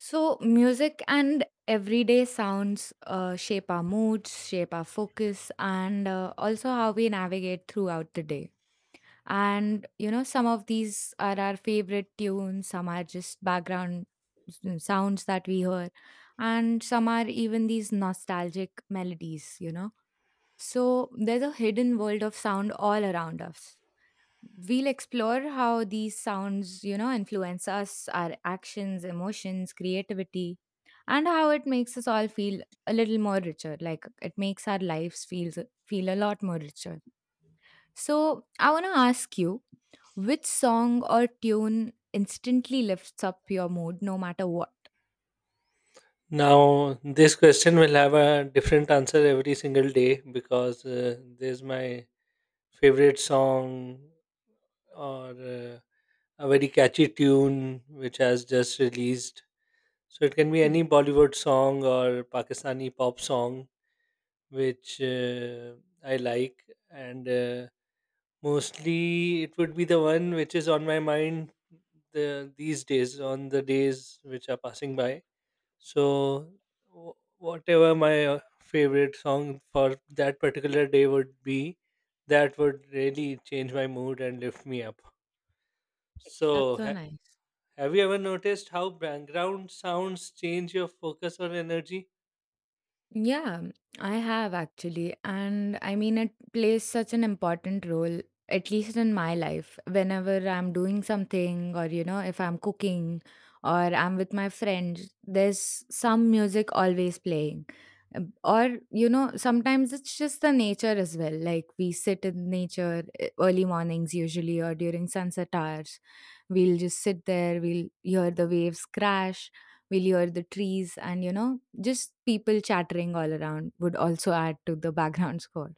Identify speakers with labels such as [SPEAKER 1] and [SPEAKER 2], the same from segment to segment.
[SPEAKER 1] So, music and everyday sounds shape our moods, shape our focus, and also how we navigate throughout the day. And, you know, some of these are our favorite tunes, some are just background sounds that we hear, and some are even these nostalgic melodies. So, there's a hidden world of sound all around us. We'll explore how these sounds, influence us, our actions, emotions, creativity, and how it makes us all feel a little more richer. Like it makes our lives feel a lot more richer. So I want to ask you, which song or tune instantly lifts up your mood, no matter what?
[SPEAKER 2] Now, this question will have a different answer every single day because there's my favorite song or a very catchy tune which has just released. So it can be
[SPEAKER 1] Hmm.
[SPEAKER 2] any Bollywood song or Pakistani pop song which I like, and mostly it would be the one which is on my mind these days, on the days which are passing by so, wh- whatever my favorite song for that particular day would be, that would really change my mood and lift me up.
[SPEAKER 1] That's
[SPEAKER 2] So,
[SPEAKER 1] so nice.
[SPEAKER 2] have you ever noticed how background sounds change your focus or energy?
[SPEAKER 1] Yeah, I have actually. And I mean, it plays such an important role, at least in my life. Whenever I'm doing something, or, if I'm cooking or I'm with my friends, there's some music always playing. Or, sometimes it's just the nature as well. Like we sit in nature early mornings, usually, or during sunset hours. We'll just sit there, we'll hear the waves crash, we'll hear the trees, and, just people chattering all around would also add to the background score.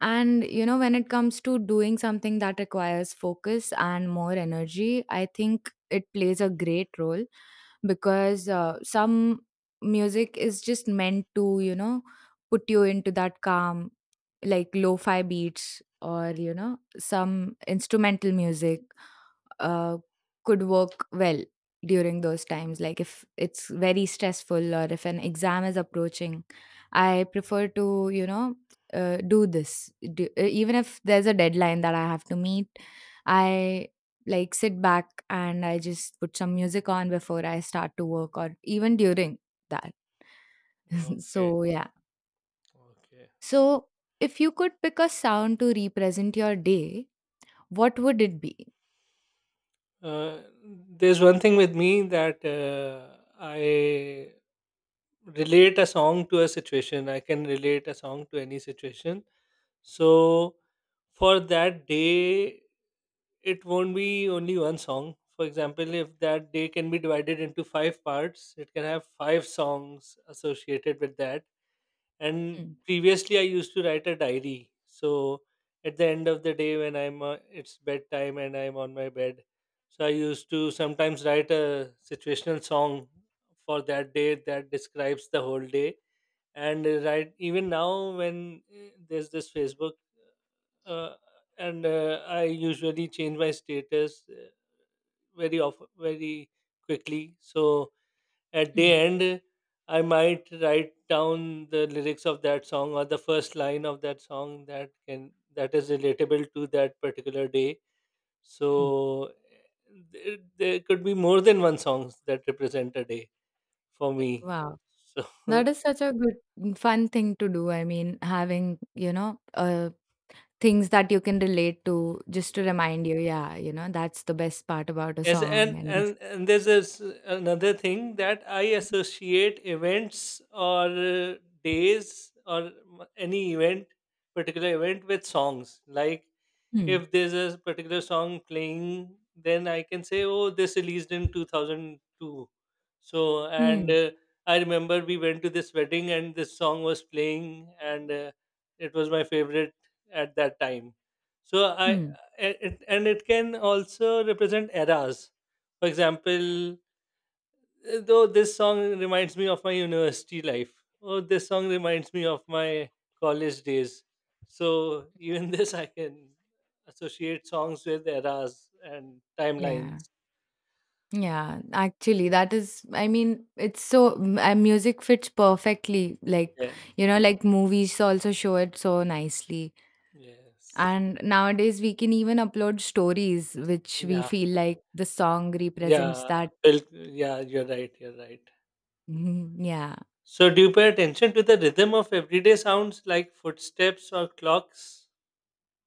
[SPEAKER 1] And when it comes to doing something that requires focus and more energy, I think it plays a great role because some music is just meant to, put you into that calm, like lo fi beats or, some instrumental music uh, could work well during those times, like if it's very stressful or if an exam is approaching. I prefer to do this. Even if there's a deadline that I have to meet, I like, sit back and I just put some music on before I start to work or even during that.
[SPEAKER 2] Okay,
[SPEAKER 1] So yeah.
[SPEAKER 2] okay.
[SPEAKER 1] So, if you could pick a sound to represent your day, what would it be?
[SPEAKER 2] Uh, there's one thing with me that I relate a song to a situation. I can relate a song to any situation. So, for that day it won't be only one song. For example, if that day can be divided into five parts, it can have five songs associated with that. And
[SPEAKER 1] Hmm.
[SPEAKER 2] previously, I used to write a diary. So at the end of the day, when I'm it's bedtime and I'm on my bed, so I used to sometimes write a situational song for that day that describes the whole day. And right even now, when there's this Facebook. Uh, and I usually change my status. Very often very quickly, so at the
[SPEAKER 1] Hmm.
[SPEAKER 2] end I might write down the lyrics of that song or the first line of that song that can that is relatable to that particular day.
[SPEAKER 1] Hmm.
[SPEAKER 2] So there could be more than one songs that represent a day for me.
[SPEAKER 1] Wow.
[SPEAKER 2] So
[SPEAKER 1] That is such a good, fun thing to do. I mean, having, things that you can relate to just to
[SPEAKER 2] yeah.
[SPEAKER 1] remind you, yeah, that's the best part about a
[SPEAKER 2] Yes,
[SPEAKER 1] song
[SPEAKER 2] and
[SPEAKER 1] and this.
[SPEAKER 2] and and there's this another thing that I associate events or days or any event, particular event with songs. Like
[SPEAKER 1] Hmm.
[SPEAKER 2] if there's a particular song playing, then I can say, oh, this released in 2002. So, and
[SPEAKER 1] Hmm.
[SPEAKER 2] I remember we went to this wedding and this song was playing, and it was my favorite at that time. So,
[SPEAKER 1] Hmm.
[SPEAKER 2] and it can also represent eras. For example, though this song reminds me of my university life or this song reminds me of my college days. So even this I can associate songs with eras and timelines.
[SPEAKER 1] Yeah. Yeah. Actually, that is, I mean, it's so, music fits perfectly. Like,
[SPEAKER 2] Yeah,
[SPEAKER 1] like movies also show it so nicely.
[SPEAKER 2] yes,
[SPEAKER 1] And nowadays, we can even upload stories, which we
[SPEAKER 2] yeah,
[SPEAKER 1] feel like the song represents
[SPEAKER 2] yeah.
[SPEAKER 1] that.
[SPEAKER 2] Well, yeah, you're right, you're right.
[SPEAKER 1] Yeah.
[SPEAKER 2] So do you pay attention to the rhythm of everyday sounds like footsteps or clocks?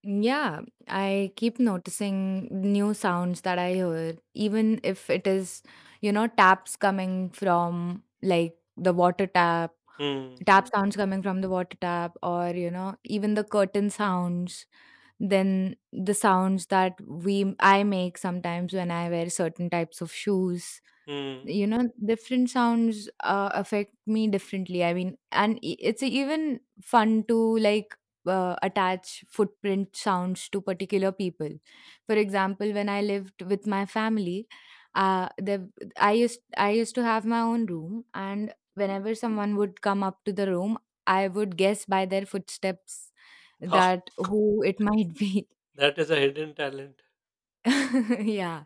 [SPEAKER 1] Yeah, I keep noticing new sounds that I hear, even if it is, taps coming from like the water tap,
[SPEAKER 2] hmm,
[SPEAKER 1] tap
[SPEAKER 2] hmm,
[SPEAKER 1] sounds coming from the water tap, or, even the curtain sounds, then the sounds that we I make sometimes when I wear certain types of shoes.
[SPEAKER 2] hmm.
[SPEAKER 1] You know different sounds affect me differently. I mean, and it's even fun to, like, attach footprint sounds to particular people. For example, when I lived with my family, the I used to have my own room, and whenever someone would come up to the room, I would guess by their footsteps
[SPEAKER 2] Wow,
[SPEAKER 1] that who it might be.
[SPEAKER 2] that is a hidden talent.
[SPEAKER 1] Yeah,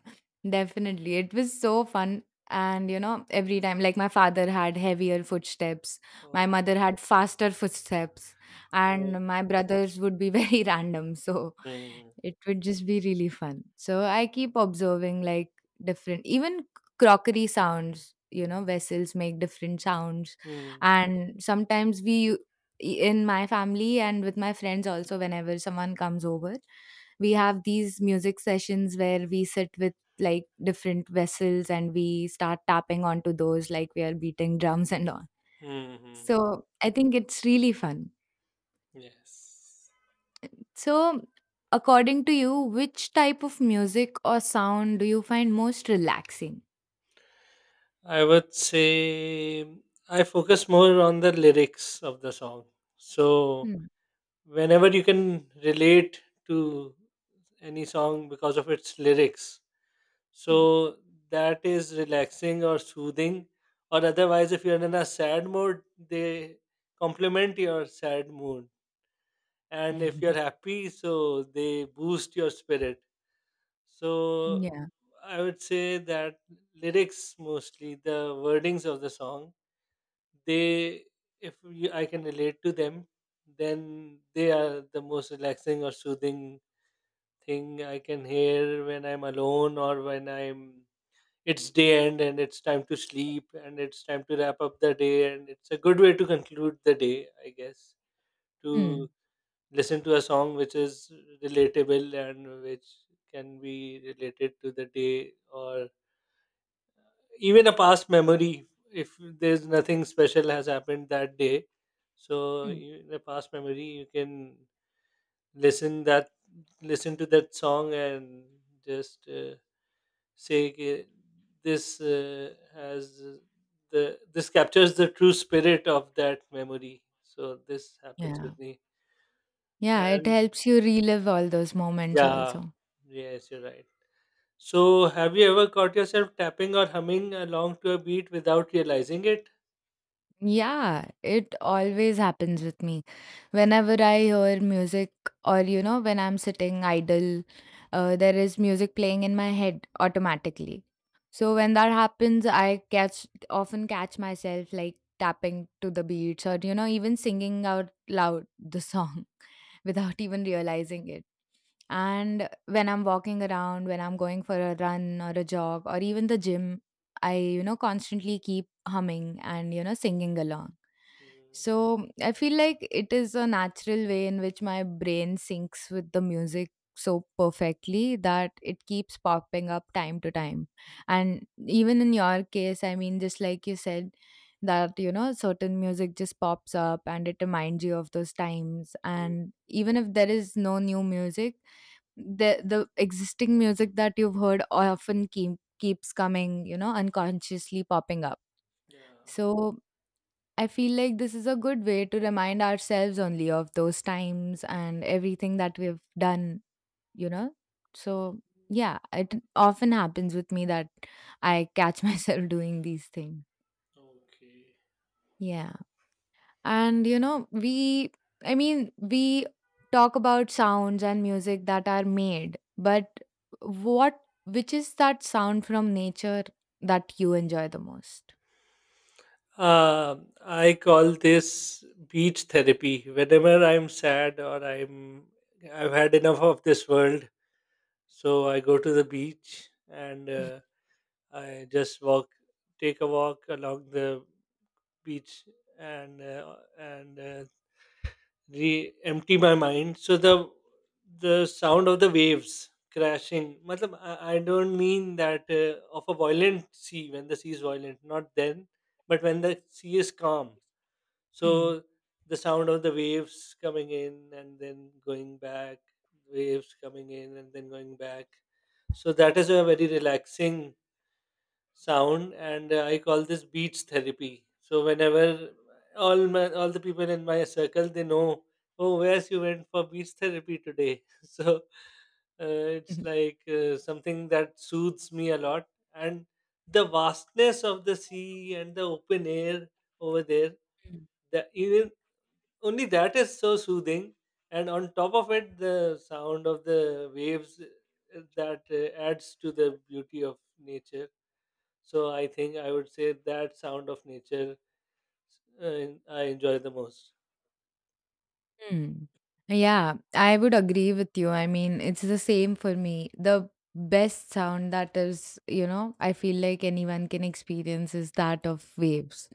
[SPEAKER 1] definitely. It was so fun. And, you know, every time, like, my father had heavier footsteps,
[SPEAKER 2] oh,
[SPEAKER 1] my mother had faster footsteps,
[SPEAKER 2] oh,
[SPEAKER 1] and my brothers would be very random. So
[SPEAKER 2] hmm,
[SPEAKER 1] it would just be really fun. So I keep observing, like, different, even crockery sounds, vessels make different sounds.
[SPEAKER 2] hmm.
[SPEAKER 1] And sometimes in my family and with my friends also, whenever someone comes over, we have these music sessions where we sit with like different vessels and we start tapping onto those, like we are beating drums and all.
[SPEAKER 2] Hmm. hmm.
[SPEAKER 1] So I think it's really fun.
[SPEAKER 2] Yes.
[SPEAKER 1] So, according to you, which type of music or sound do you find most relaxing?
[SPEAKER 2] I would say I focus more on the lyrics of the song. So
[SPEAKER 1] Hmm.
[SPEAKER 2] whenever you can relate to any song because of its lyrics,
[SPEAKER 1] Hmm.
[SPEAKER 2] so that is relaxing or soothing. Or otherwise, if you're in a sad mood, they complement your sad mood. And if you're happy, so they boost your spirit. So
[SPEAKER 1] Yeah.
[SPEAKER 2] I would say that lyrics, mostly the wordings of the song, they, if you, I can relate to them, then they are the most relaxing or soothing thing I can hear when I'm alone or when I'm, it's day end and it's time to sleep and it's time to wrap up the day, and it's a good way to conclude the day, I guess, to
[SPEAKER 1] Hmm.
[SPEAKER 2] listen to a song which is relatable and which can be related to the day or even a past memory. If there's nothing special has happened that day, so
[SPEAKER 1] Hmm.
[SPEAKER 2] in a past memory you can listen that listen to that song and just say, "Okay, this uh, has this captures the true spirit of that memory." So this happens
[SPEAKER 1] Yeah.
[SPEAKER 2] with me.
[SPEAKER 1] Yeah, it
[SPEAKER 2] And
[SPEAKER 1] helps you relive all those moments
[SPEAKER 2] yeah,
[SPEAKER 1] also.
[SPEAKER 2] yes, you're right. So have you ever caught yourself tapping or humming along to a beat without realizing it?
[SPEAKER 1] Yeah, it always happens with me. Whenever I hear music, or when I'm sitting idle, there is music playing in my head automatically. So when that happens, I catch often catch myself, like, tapping to the beats, or even singing out loud the song without even realizing it.
[SPEAKER 2] Mm,
[SPEAKER 1] And when I'm walking around, when I'm going for a run or a jog, or even the gym, I, constantly keep humming and, singing along.
[SPEAKER 2] Mm,
[SPEAKER 1] So I feel like it is a natural way in which my brain syncs with the music so perfectly that it keeps popping up time to time. And even in your case, I mean, just like you said, that certain music just pops up and it reminds you of those times.
[SPEAKER 2] mm,
[SPEAKER 1] And even if there is no new music, the existing music that you've heard often keeps coming, unconsciously popping up.
[SPEAKER 2] yeah.
[SPEAKER 1] So I feel like this is a good way to remind ourselves only of those times and everything that we've done, you know? So, yeah, it often happens with me that I catch myself doing these things.
[SPEAKER 2] Okay.
[SPEAKER 1] Yeah. And, I mean, we talk about sounds and music that are made, but which is that sound from nature that you enjoy the most?
[SPEAKER 2] I call this beach therapy. Whenever I'm sad or I've had enough of this world, so I go to the beach and I just walk, take a walk along the beach, and empty my mind. So the sound of the waves crashing, matlab, I don't mean that of a violent sea, when the sea is violent, not then, but when the sea is calm,
[SPEAKER 1] Mm.
[SPEAKER 2] so the sound of the waves coming in and then going back, waves coming in and then going back, so that is a very relaxing sound. And I call this beach therapy, so whenever all the people in my circle, they know, oh, where's you went for beach therapy today. So it's like something that soothes me a lot. And the vastness of the sea and the open air over there, that, even only that is so soothing, and on top of it the sound of the waves, that adds to the beauty of nature. So I think I would say that sound of nature, I enjoy the most.
[SPEAKER 1] Hmm. Yeah, I would agree with you. I mean, it's the same for me. The best sound that is, I feel like, anyone can experience is that of waves,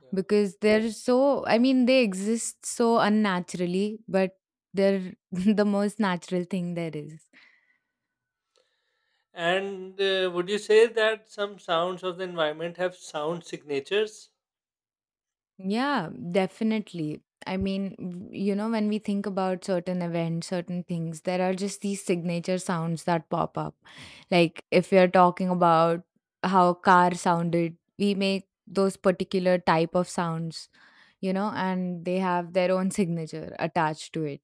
[SPEAKER 2] Yeah.
[SPEAKER 1] because they're so, I mean, they exist so unnaturally, but they're the most natural thing there is.
[SPEAKER 2] And would you say that some sounds of the environment have sound signatures?
[SPEAKER 1] Yeah, definitely. I mean, when we think about certain events, certain things, there are just these signature sounds that pop up. Like, if we are talking about how a car sounded, we make those particular type of sounds, and they have their own signature attached to it.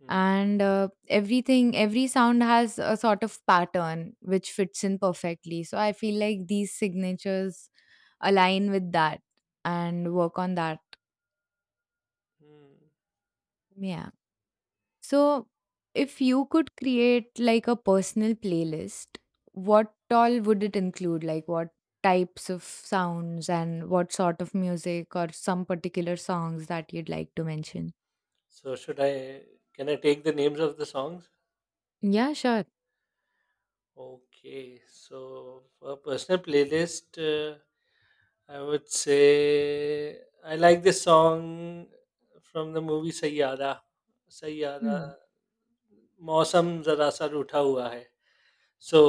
[SPEAKER 2] Hmm.
[SPEAKER 1] And every sound has a sort of pattern which fits in perfectly. So I feel like these signatures align with that and work on that.
[SPEAKER 2] Hmm.
[SPEAKER 1] Yeah. So, if you could create like a personal playlist, what all would it include? Like, what types of sounds and what sort of music or some particular songs that you'd like to mention?
[SPEAKER 2] So should I? Can I take the names of the songs?
[SPEAKER 1] Yeah, sure.
[SPEAKER 2] Okay. So for personal playlist, I would say I like this song from the movie Sayyada. Sayyada,
[SPEAKER 1] Hmm.
[SPEAKER 2] मौसम जरा सा रूठा हुआ है. So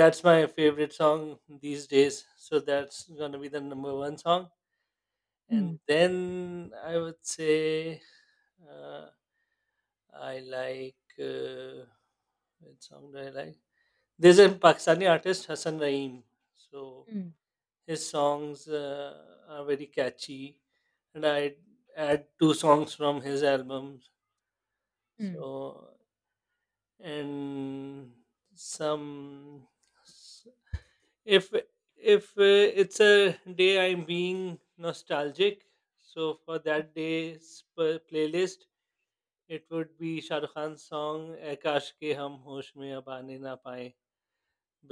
[SPEAKER 2] that's my favorite song these days. So that's gonna be the number one song. And
[SPEAKER 1] Hmm.
[SPEAKER 2] then I would say uh, I like what song do I like? There's a Pakistani artist, Hassan Raheem. So
[SPEAKER 1] Hmm.
[SPEAKER 2] his songs are very catchy, and I add two songs from his albums.
[SPEAKER 1] Hmm.
[SPEAKER 2] So, and some, if if it's a day I'm being nostalgic, so for that playlist it would be Shah Rukh Khan's song, "Ae kaash ke hum hosh mein ab aane na paaye,"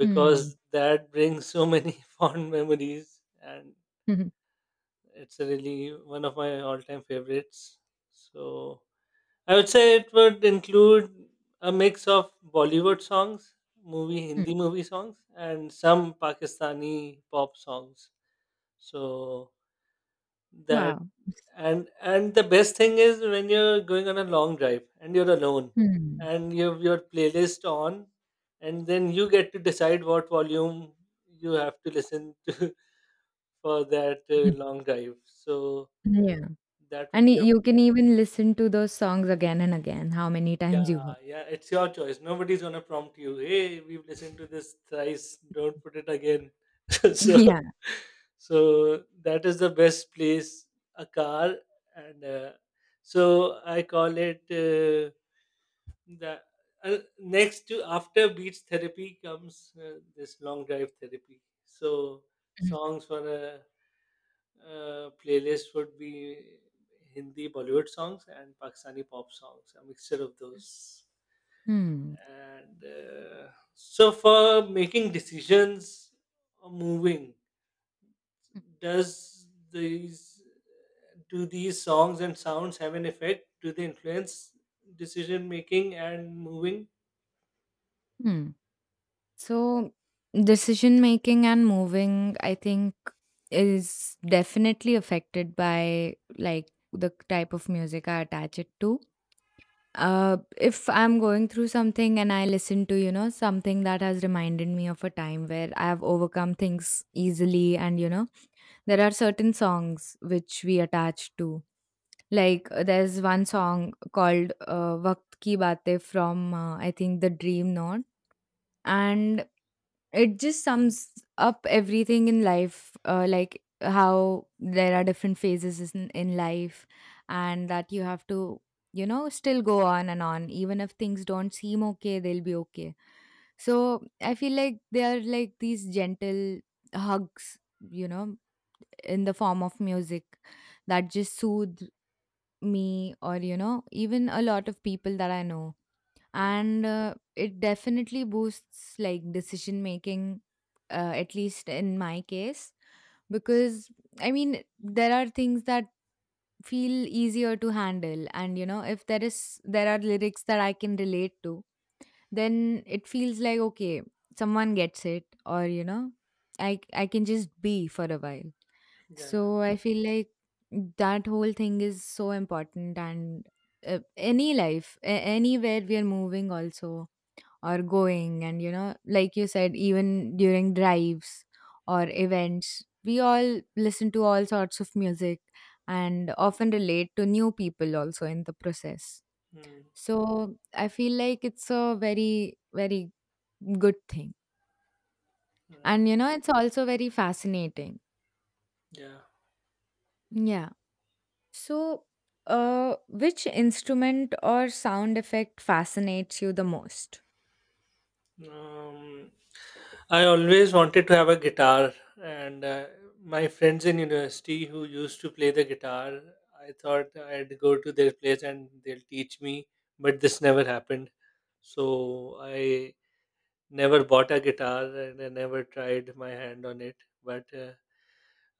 [SPEAKER 1] Hmm.
[SPEAKER 2] that brings so many fond memories and
[SPEAKER 1] Hmm.
[SPEAKER 2] it's really one of my all-time favorites. So I would say it would include a mix of Bollywood songs, movie
[SPEAKER 1] Hmm.
[SPEAKER 2] Hindi movie songs and some Pakistani pop songs. So that,
[SPEAKER 1] Wow.
[SPEAKER 2] and the best thing is when you're going on a long drive and you're alone
[SPEAKER 1] Hmm.
[SPEAKER 2] and you have your playlist on, and then you get to decide what volume you have to listen to for that long drive. So
[SPEAKER 1] Hmm. Yeah.
[SPEAKER 2] that
[SPEAKER 1] And
[SPEAKER 2] would be a—
[SPEAKER 1] you can even listen to those songs again and again, how many times you
[SPEAKER 2] Yeah,
[SPEAKER 1] want.
[SPEAKER 2] yeah, it's your choice. Nobody's gonna prompt you, "Hey, we've listened to this thrice. Don't put it again." So,
[SPEAKER 1] Yeah.
[SPEAKER 2] so that is the best place. A car, and so I call it the next to, after beach therapy, comes this long drive therapy. So songs for a playlist would be Hindi Bollywood songs and Pakistani pop songs, a mixture of those.
[SPEAKER 1] Hmm.
[SPEAKER 2] And so for making decisions or moving, does these do these songs and sounds have an effect? Do they influence decision making and moving?
[SPEAKER 1] Hmm. So, decision making and moving, I think, is definitely affected by like the type of music I attach it to. If I'm going through something and I listen to, something that has reminded me of a time where I have overcome things easily, and there are certain songs which we attach to. Like, there's one song called Waqt Ki Baatein, from, I think, The Dream Note. And it just sums up everything in life, like how there are different phases in, life, and that you have to, still go on and on, even if things don't seem okay, they'll be okay. So I feel like they are, like, these gentle hugs, in the form of music, that just soothe me, or even a lot of people that I know.
[SPEAKER 2] Hmm.
[SPEAKER 1] And it definitely boosts like decision making, at least in my case, because I mean, there are things that feel easier to handle, and if there are lyrics that I can relate to, then it feels like, okay, someone gets it, or i can just be for a while.
[SPEAKER 2] Yeah.
[SPEAKER 1] So I feel like that whole thing is so important, and anywhere we are moving, also, or going, and like you said, even during drives or events, we all listen to all sorts of music, and often relate to new people also in the process.
[SPEAKER 2] Hmm.
[SPEAKER 1] So I feel like it's a very very good thing.
[SPEAKER 2] Right.
[SPEAKER 1] And it's also very fascinating.
[SPEAKER 2] Yeah.
[SPEAKER 1] Yeah. So, which instrument or sound effect fascinates you the most?
[SPEAKER 2] Um, I always wanted to have a guitar, and my friends in university who used to play the guitar, I thought I'd go to their place and they'll teach me, but this never happened. So I never bought a guitar and I never tried my hand on it. But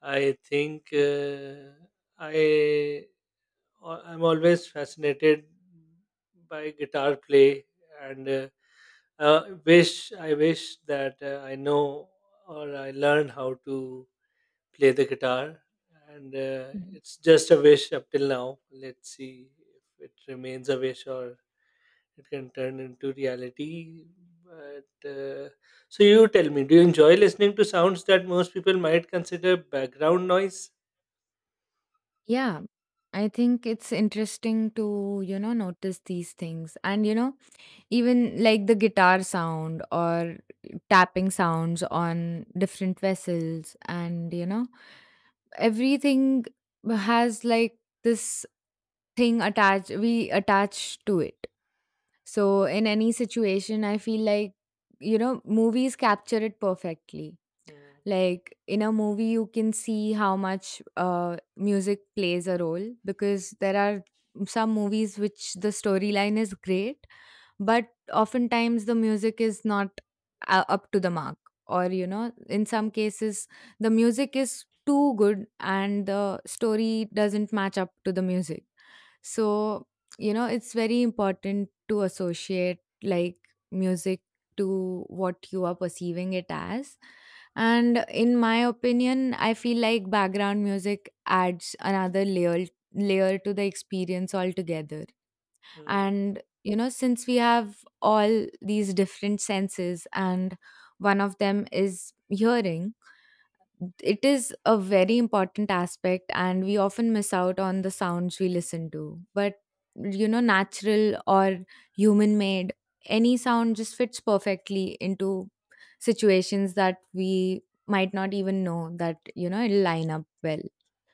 [SPEAKER 2] I think I I'm always fascinated by guitar play. And. Wish, I wish that I know or I learned how to play the guitar, and it's just a wish up till now. Let's see if it remains a wish or it can turn into reality. But so you tell me, do you enjoy listening to sounds that most people might consider background noise?
[SPEAKER 1] Yeah, I think it's interesting to, notice these things. And even like the guitar sound or tapping sounds on different vessels, and, everything has, like, this thing attached, we attach to it. So, in any situation, I feel like, movies capture it perfectly.
[SPEAKER 2] Mm,
[SPEAKER 1] Like in a movie, you can see how much music plays a role, because there are some movies which the storyline is great, but oftentimes the music is not up to the mark. Or in some cases, the music is too good and the story doesn't match up to the music. So, it's very important to associate, like, music to what you are perceiving it as. And in my opinion, I feel like background music adds another layer to the experience altogether.
[SPEAKER 2] mm,
[SPEAKER 1] And you know, since we have all these different senses and one of them is hearing, it is a very important aspect and we often miss out on the sounds we listen to, but you know, natural or human made, any sound just fits perfectly into situations that we might not even know that, you know, it'll line up well.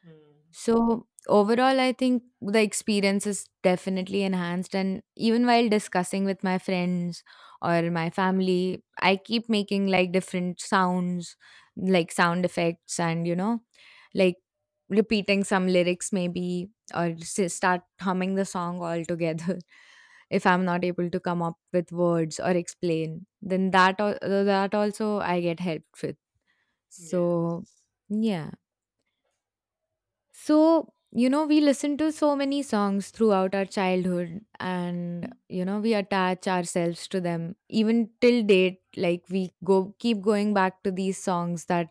[SPEAKER 2] mm.
[SPEAKER 1] So overall, I think the experience is definitely enhanced. And even while discussing with my friends or my family, I keep making like different sounds, like sound effects, and like repeating some lyrics maybe, or start humming the song all together. If I'm not able to come up with words or explain, then that also I get helped with. So
[SPEAKER 2] Yes.
[SPEAKER 1] yeah. So, you know, we listen to so many songs throughout our childhood and, you know, we attach ourselves to them even till date. Like, we go keep going back to these songs that,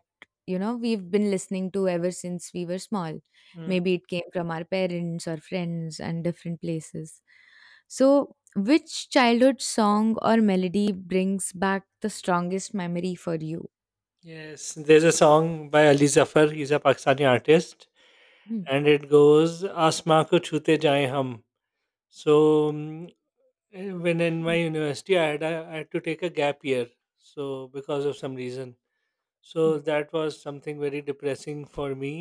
[SPEAKER 1] you know, we've been listening to ever since we were small.
[SPEAKER 2] Mm.
[SPEAKER 1] Maybe it came from our parents or friends and different places. So, which childhood song or melody brings back the strongest memory for you?
[SPEAKER 2] Yes, there's a song by Ali Zafar. He's a Pakistani artist, and it goes, "Asma ko chute jaye hum." So mm, when in my university, I had to take a gap year, so because of some reason, so that was something very depressing for me.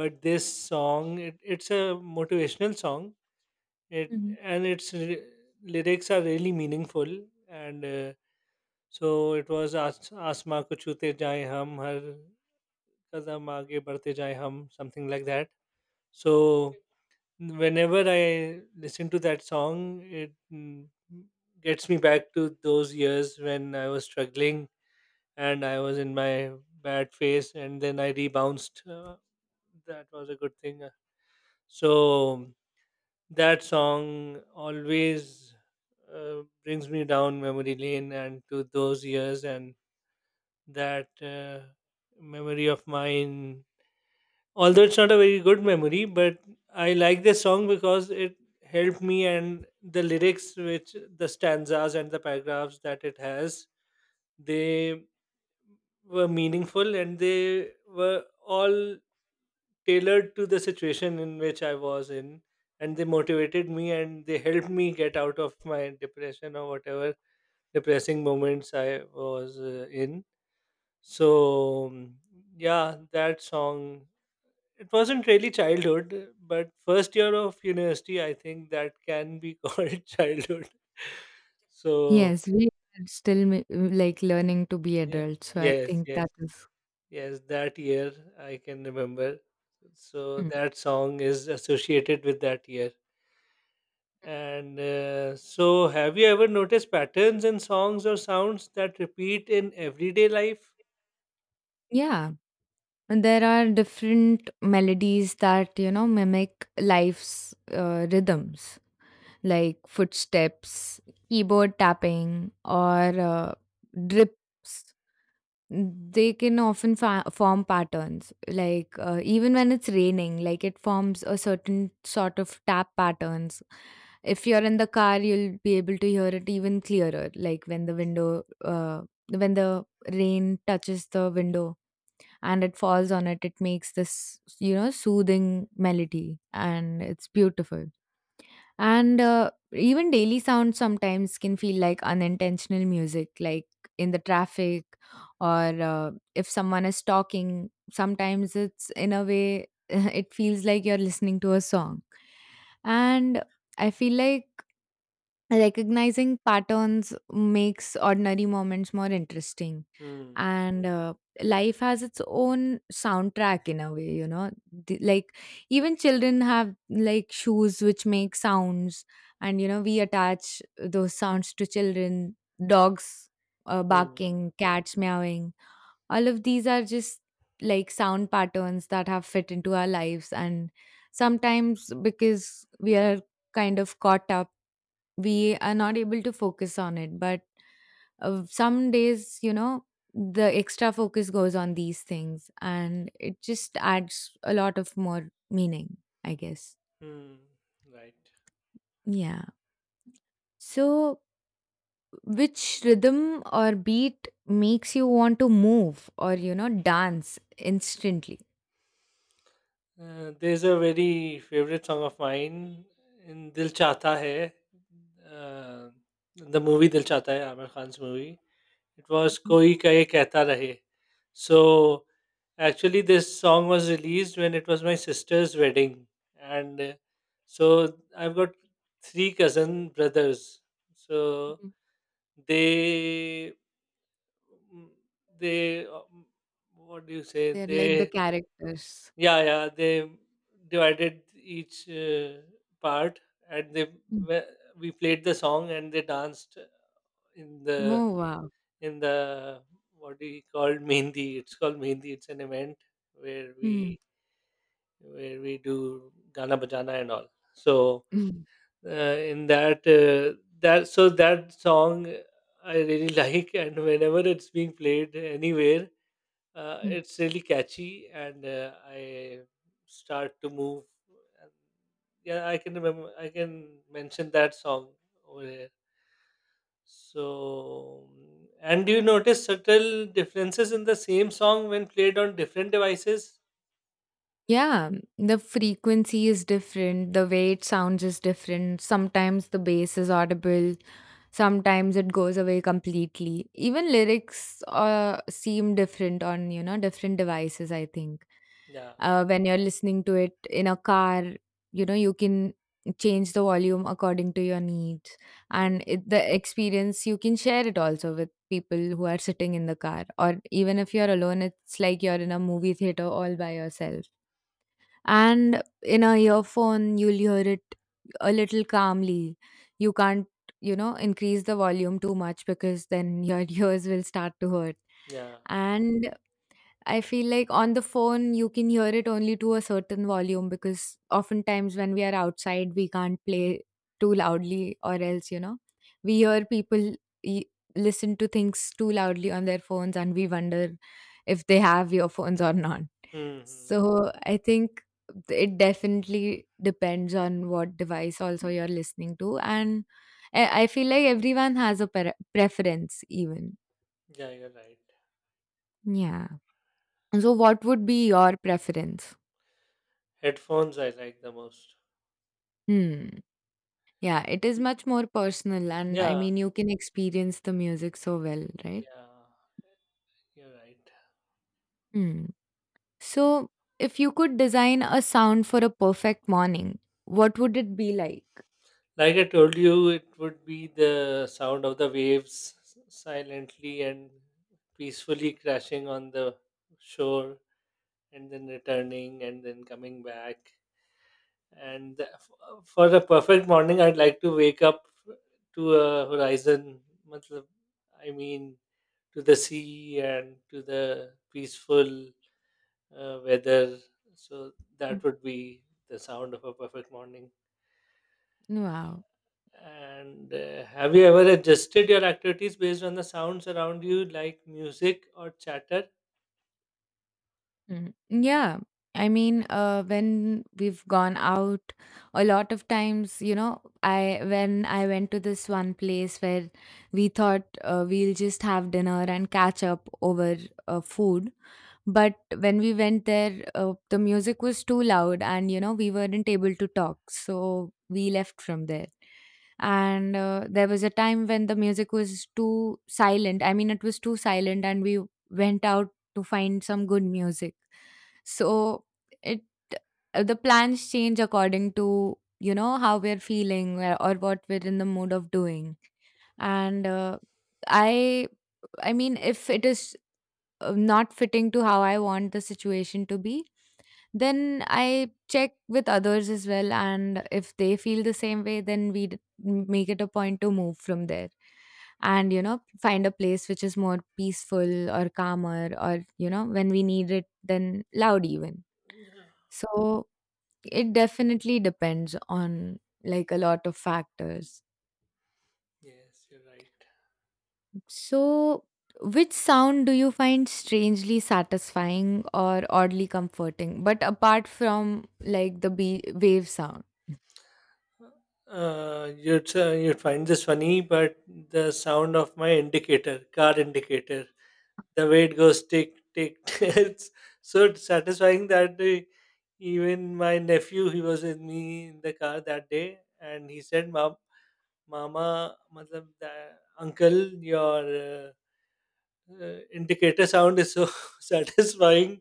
[SPEAKER 2] But this song, it's a motivational song, it,
[SPEAKER 1] Hmm.
[SPEAKER 2] and lyrics are really meaningful, and so it was Asma ko chute jaye hum, har kadam aage badhte jaye hum," something like that. So whenever I listen to that song, it, mm, gets me back to those years when I was struggling and I was in my bad phase, and then I rebounced. That was a good thing. So that song always brings me down memory lane and to those years, and that memory of mine, although it's not a very good memory, but I like this song because it helped me, and the lyrics, which, the stanzas and the paragraphs that it has, they were meaningful and they were all tailored to the situation in which I was in, and they motivated me and they helped me get out of my depression or whatever depressing moments I was in. So mm, yeah, that song, it wasn't really childhood, but first year of university, I think that can be called childhood. So,
[SPEAKER 1] Yes, we are still like learning to be
[SPEAKER 2] yeah,
[SPEAKER 1] adults. So I
[SPEAKER 2] yes,
[SPEAKER 1] think
[SPEAKER 2] yes,
[SPEAKER 1] that is,
[SPEAKER 2] yes, that year I can remember. So,
[SPEAKER 1] mm.
[SPEAKER 2] that song is associated with that year. And so, have you ever noticed patterns in songs or sounds that repeat in everyday life?
[SPEAKER 1] Yeah. And there are different melodies that, you know, mimic life's rhythms, like footsteps, keyboard tapping, or drips. They can often form patterns, like even when it's raining, like it forms a certain sort of tap patterns. If you're in the car, you'll be able to hear it even clearer, like when the window, when the rain touches the window and it falls on it, it makes this, you know, soothing melody and it's beautiful. And even daily sounds sometimes can feel like unintentional music, like in the traffic or if someone is talking, sometimes it's in a way, it feels like you're listening to a song. And I feel like recognizing patterns makes ordinary moments more interesting,
[SPEAKER 2] Hmm.
[SPEAKER 1] and life has its own soundtrack in a way, you know. Like, even children have like shoes which make sounds, and you know, we attach those sounds to children, dogs
[SPEAKER 2] Hmm.
[SPEAKER 1] barking, cats meowing. All of these are just like sound patterns that have fit into our lives, and sometimes because we are kind of caught up, we are not able to focus on it, but some days, you know, the extra focus goes on these things and it just adds a lot of more meaning, I guess.
[SPEAKER 2] Hmm. Right.
[SPEAKER 1] Yeah. So, which rhythm or beat makes you want to move or, you know, dance instantly?
[SPEAKER 2] There's a very favorite song of mine in Dil Chahta Hai, uh, the movie Dil Chahta Hai, Amir Khan's movie. It was
[SPEAKER 1] Mhm,
[SPEAKER 2] Koi Kahe Kehta Rahe. So actually, this song was released when it was my sister's wedding, and so I've got three cousin brothers. So
[SPEAKER 1] mhm.
[SPEAKER 2] they they what do you say?
[SPEAKER 1] They're like the
[SPEAKER 2] They,
[SPEAKER 1] characters.
[SPEAKER 2] yeah, yeah, they divided each part, and they
[SPEAKER 1] Mm.
[SPEAKER 2] we we played the song and they danced in the,
[SPEAKER 1] Oh, wow.
[SPEAKER 2] in the, what do you call mehndi? It's called mehndi. It's an event where
[SPEAKER 1] Hmm.
[SPEAKER 2] we do gana bajana and all. So
[SPEAKER 1] Mm.
[SPEAKER 2] in that that so that song I really like, and whenever it's being played anywhere,
[SPEAKER 1] Mm.
[SPEAKER 2] it's really catchy, and I start to move. And yeah, I can remember, I can mention that song over here. So mm, and do you notice subtle differences in the same song when played on different devices?
[SPEAKER 1] Yeah, the frequency is different, the way it sounds is different, sometimes the bass is audible. Sometimes it goes away completely. Even lyrics seem different on, you know, different devices, I think.
[SPEAKER 2] Yeah.
[SPEAKER 1] When you're listening to it in a car, you know, you can change the volume according to your needs.
[SPEAKER 2] mm,
[SPEAKER 1] And it, the experience, you can share it also with people who are sitting in the car. Or even if you're alone, it's like you're in a movie theater all by yourself, and in a earphone you'll hear it a little calmly. You can't, you know, increase the volume too much, because then your ears will start to hurt.
[SPEAKER 2] yeah.
[SPEAKER 1] And I feel like on the phone you can hear it only to a certain volume, because oftentimes when we are outside we can't play too loudly, or else, you know, we hear people e- listen to things too loudly on their phones, and we wonder if they have earphones or not.
[SPEAKER 2] hmm hmm.
[SPEAKER 1] So I think it definitely depends on what device also you're listening to, and I feel like everyone has a preference, even.
[SPEAKER 2] Yeah, you're right.
[SPEAKER 1] Yeah. So what would be your preference?
[SPEAKER 2] Headphones I like the most.
[SPEAKER 1] Hmm. Yeah, it is much more personal, and I
[SPEAKER 2] Yeah,
[SPEAKER 1] mean, you can experience the music so well, right?
[SPEAKER 2] yeah, you're right.
[SPEAKER 1] Hmm. So, if you could design a sound for a perfect morning, what would it be like?
[SPEAKER 2] Like I told you, it would be the sound of the waves silently and peacefully crashing on the shore and then returning and then coming back. And for a perfect morning, I'd like to wake up to a horizon, matlab, I mean, to the sea and to the peaceful weather. So
[SPEAKER 1] Mm.
[SPEAKER 2] that would be the sound of a perfect morning.
[SPEAKER 1] Wow.
[SPEAKER 2] And have you ever adjusted your activities based on the sounds around you, like music or chatter?
[SPEAKER 1] Mm. Yeah. I mean, when we've gone out, a lot of times, you know, I when I went to this one place where we thought we'll just have dinner and catch up over food, but when we went there, the music was too loud, and you know, we weren't able to talk, so we left from there. And there was a time when the music was too silent. I mean, it was too silent, and we went out to find some good music. So it the plans change according to, you know, how we're feeling, or what we're in the mood of doing. And I I mean, if it is not fitting to how I want the situation to be, then I check with others as well. And if they feel the same way, then we make it a point to move from there and, you know, find a place which is more peaceful or calmer, or, you know, when we need it, then loud even.
[SPEAKER 2] Yeah.
[SPEAKER 1] So it definitely depends on like a lot of factors.
[SPEAKER 2] Yes, you're right.
[SPEAKER 1] So, which sound do you find strangely satisfying or oddly comforting? But apart from like the wave sound.
[SPEAKER 2] You'd find this funny, but the sound of my indicator, car indicator, the way it goes tick tick, it's so satisfying that even my nephew, he was with me in the car that day, and he said, "Mom, Mama, matlab, the, uncle, your indicator sound is so satisfying.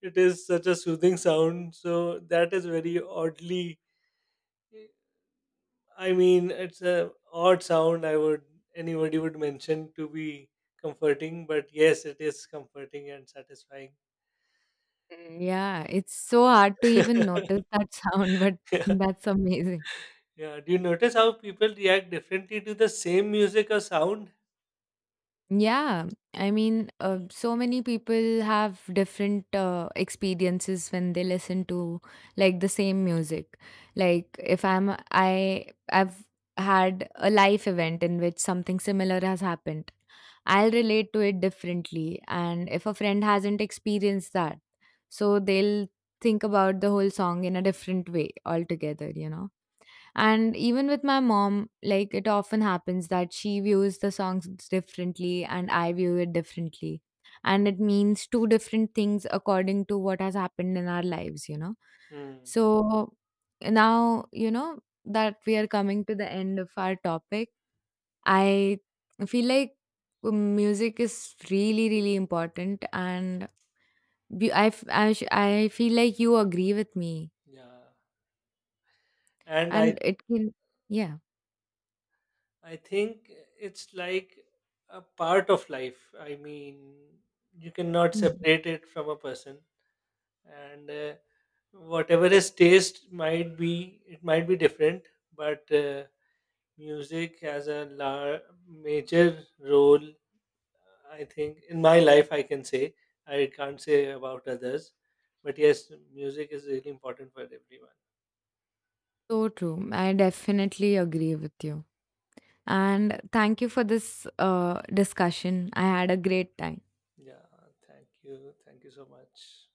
[SPEAKER 2] It is such a soothing sound." So that is very oddly. I mean, it's a odd sound. I would, anybody would mention to be comforting, but yes, it is comforting and satisfying.
[SPEAKER 1] Mm. Yeah, it's so hard to even notice that sound, but
[SPEAKER 2] Yeah,
[SPEAKER 1] that's amazing.
[SPEAKER 2] yeah. Do you notice how people react differently to the same music or sound?
[SPEAKER 1] Yeah, I mean, so many people have different experiences when they listen to like the same music. Like if I've had a life event in which something similar has happened. I'll relate to it differently, and if a friend hasn't experienced that, so they'll think about the whole song in a different way altogether, you know. And even with my mom, like it often happens that she views the songs differently and I view it differently. And it means two different things according to what has happened in our lives, you know.
[SPEAKER 2] Hmm.
[SPEAKER 1] So now, you know, that we are coming to the end of our topic, I feel like music is really, really important. And I feel like you agree with me.
[SPEAKER 2] Yeah. And I
[SPEAKER 1] And it can, yeah.
[SPEAKER 2] I think it's like a part of life. I mean, you cannot
[SPEAKER 1] Hmm.
[SPEAKER 2] separate it from a person, and whatever his taste might be, it might be different, but music has a major role, I think, in my life, I can say. I can't say about others, but yes, music is really important for everyone.
[SPEAKER 1] So true. I definitely agree with you. And thank you for this discussion. I had a great time.
[SPEAKER 2] Yeah, thank you so much.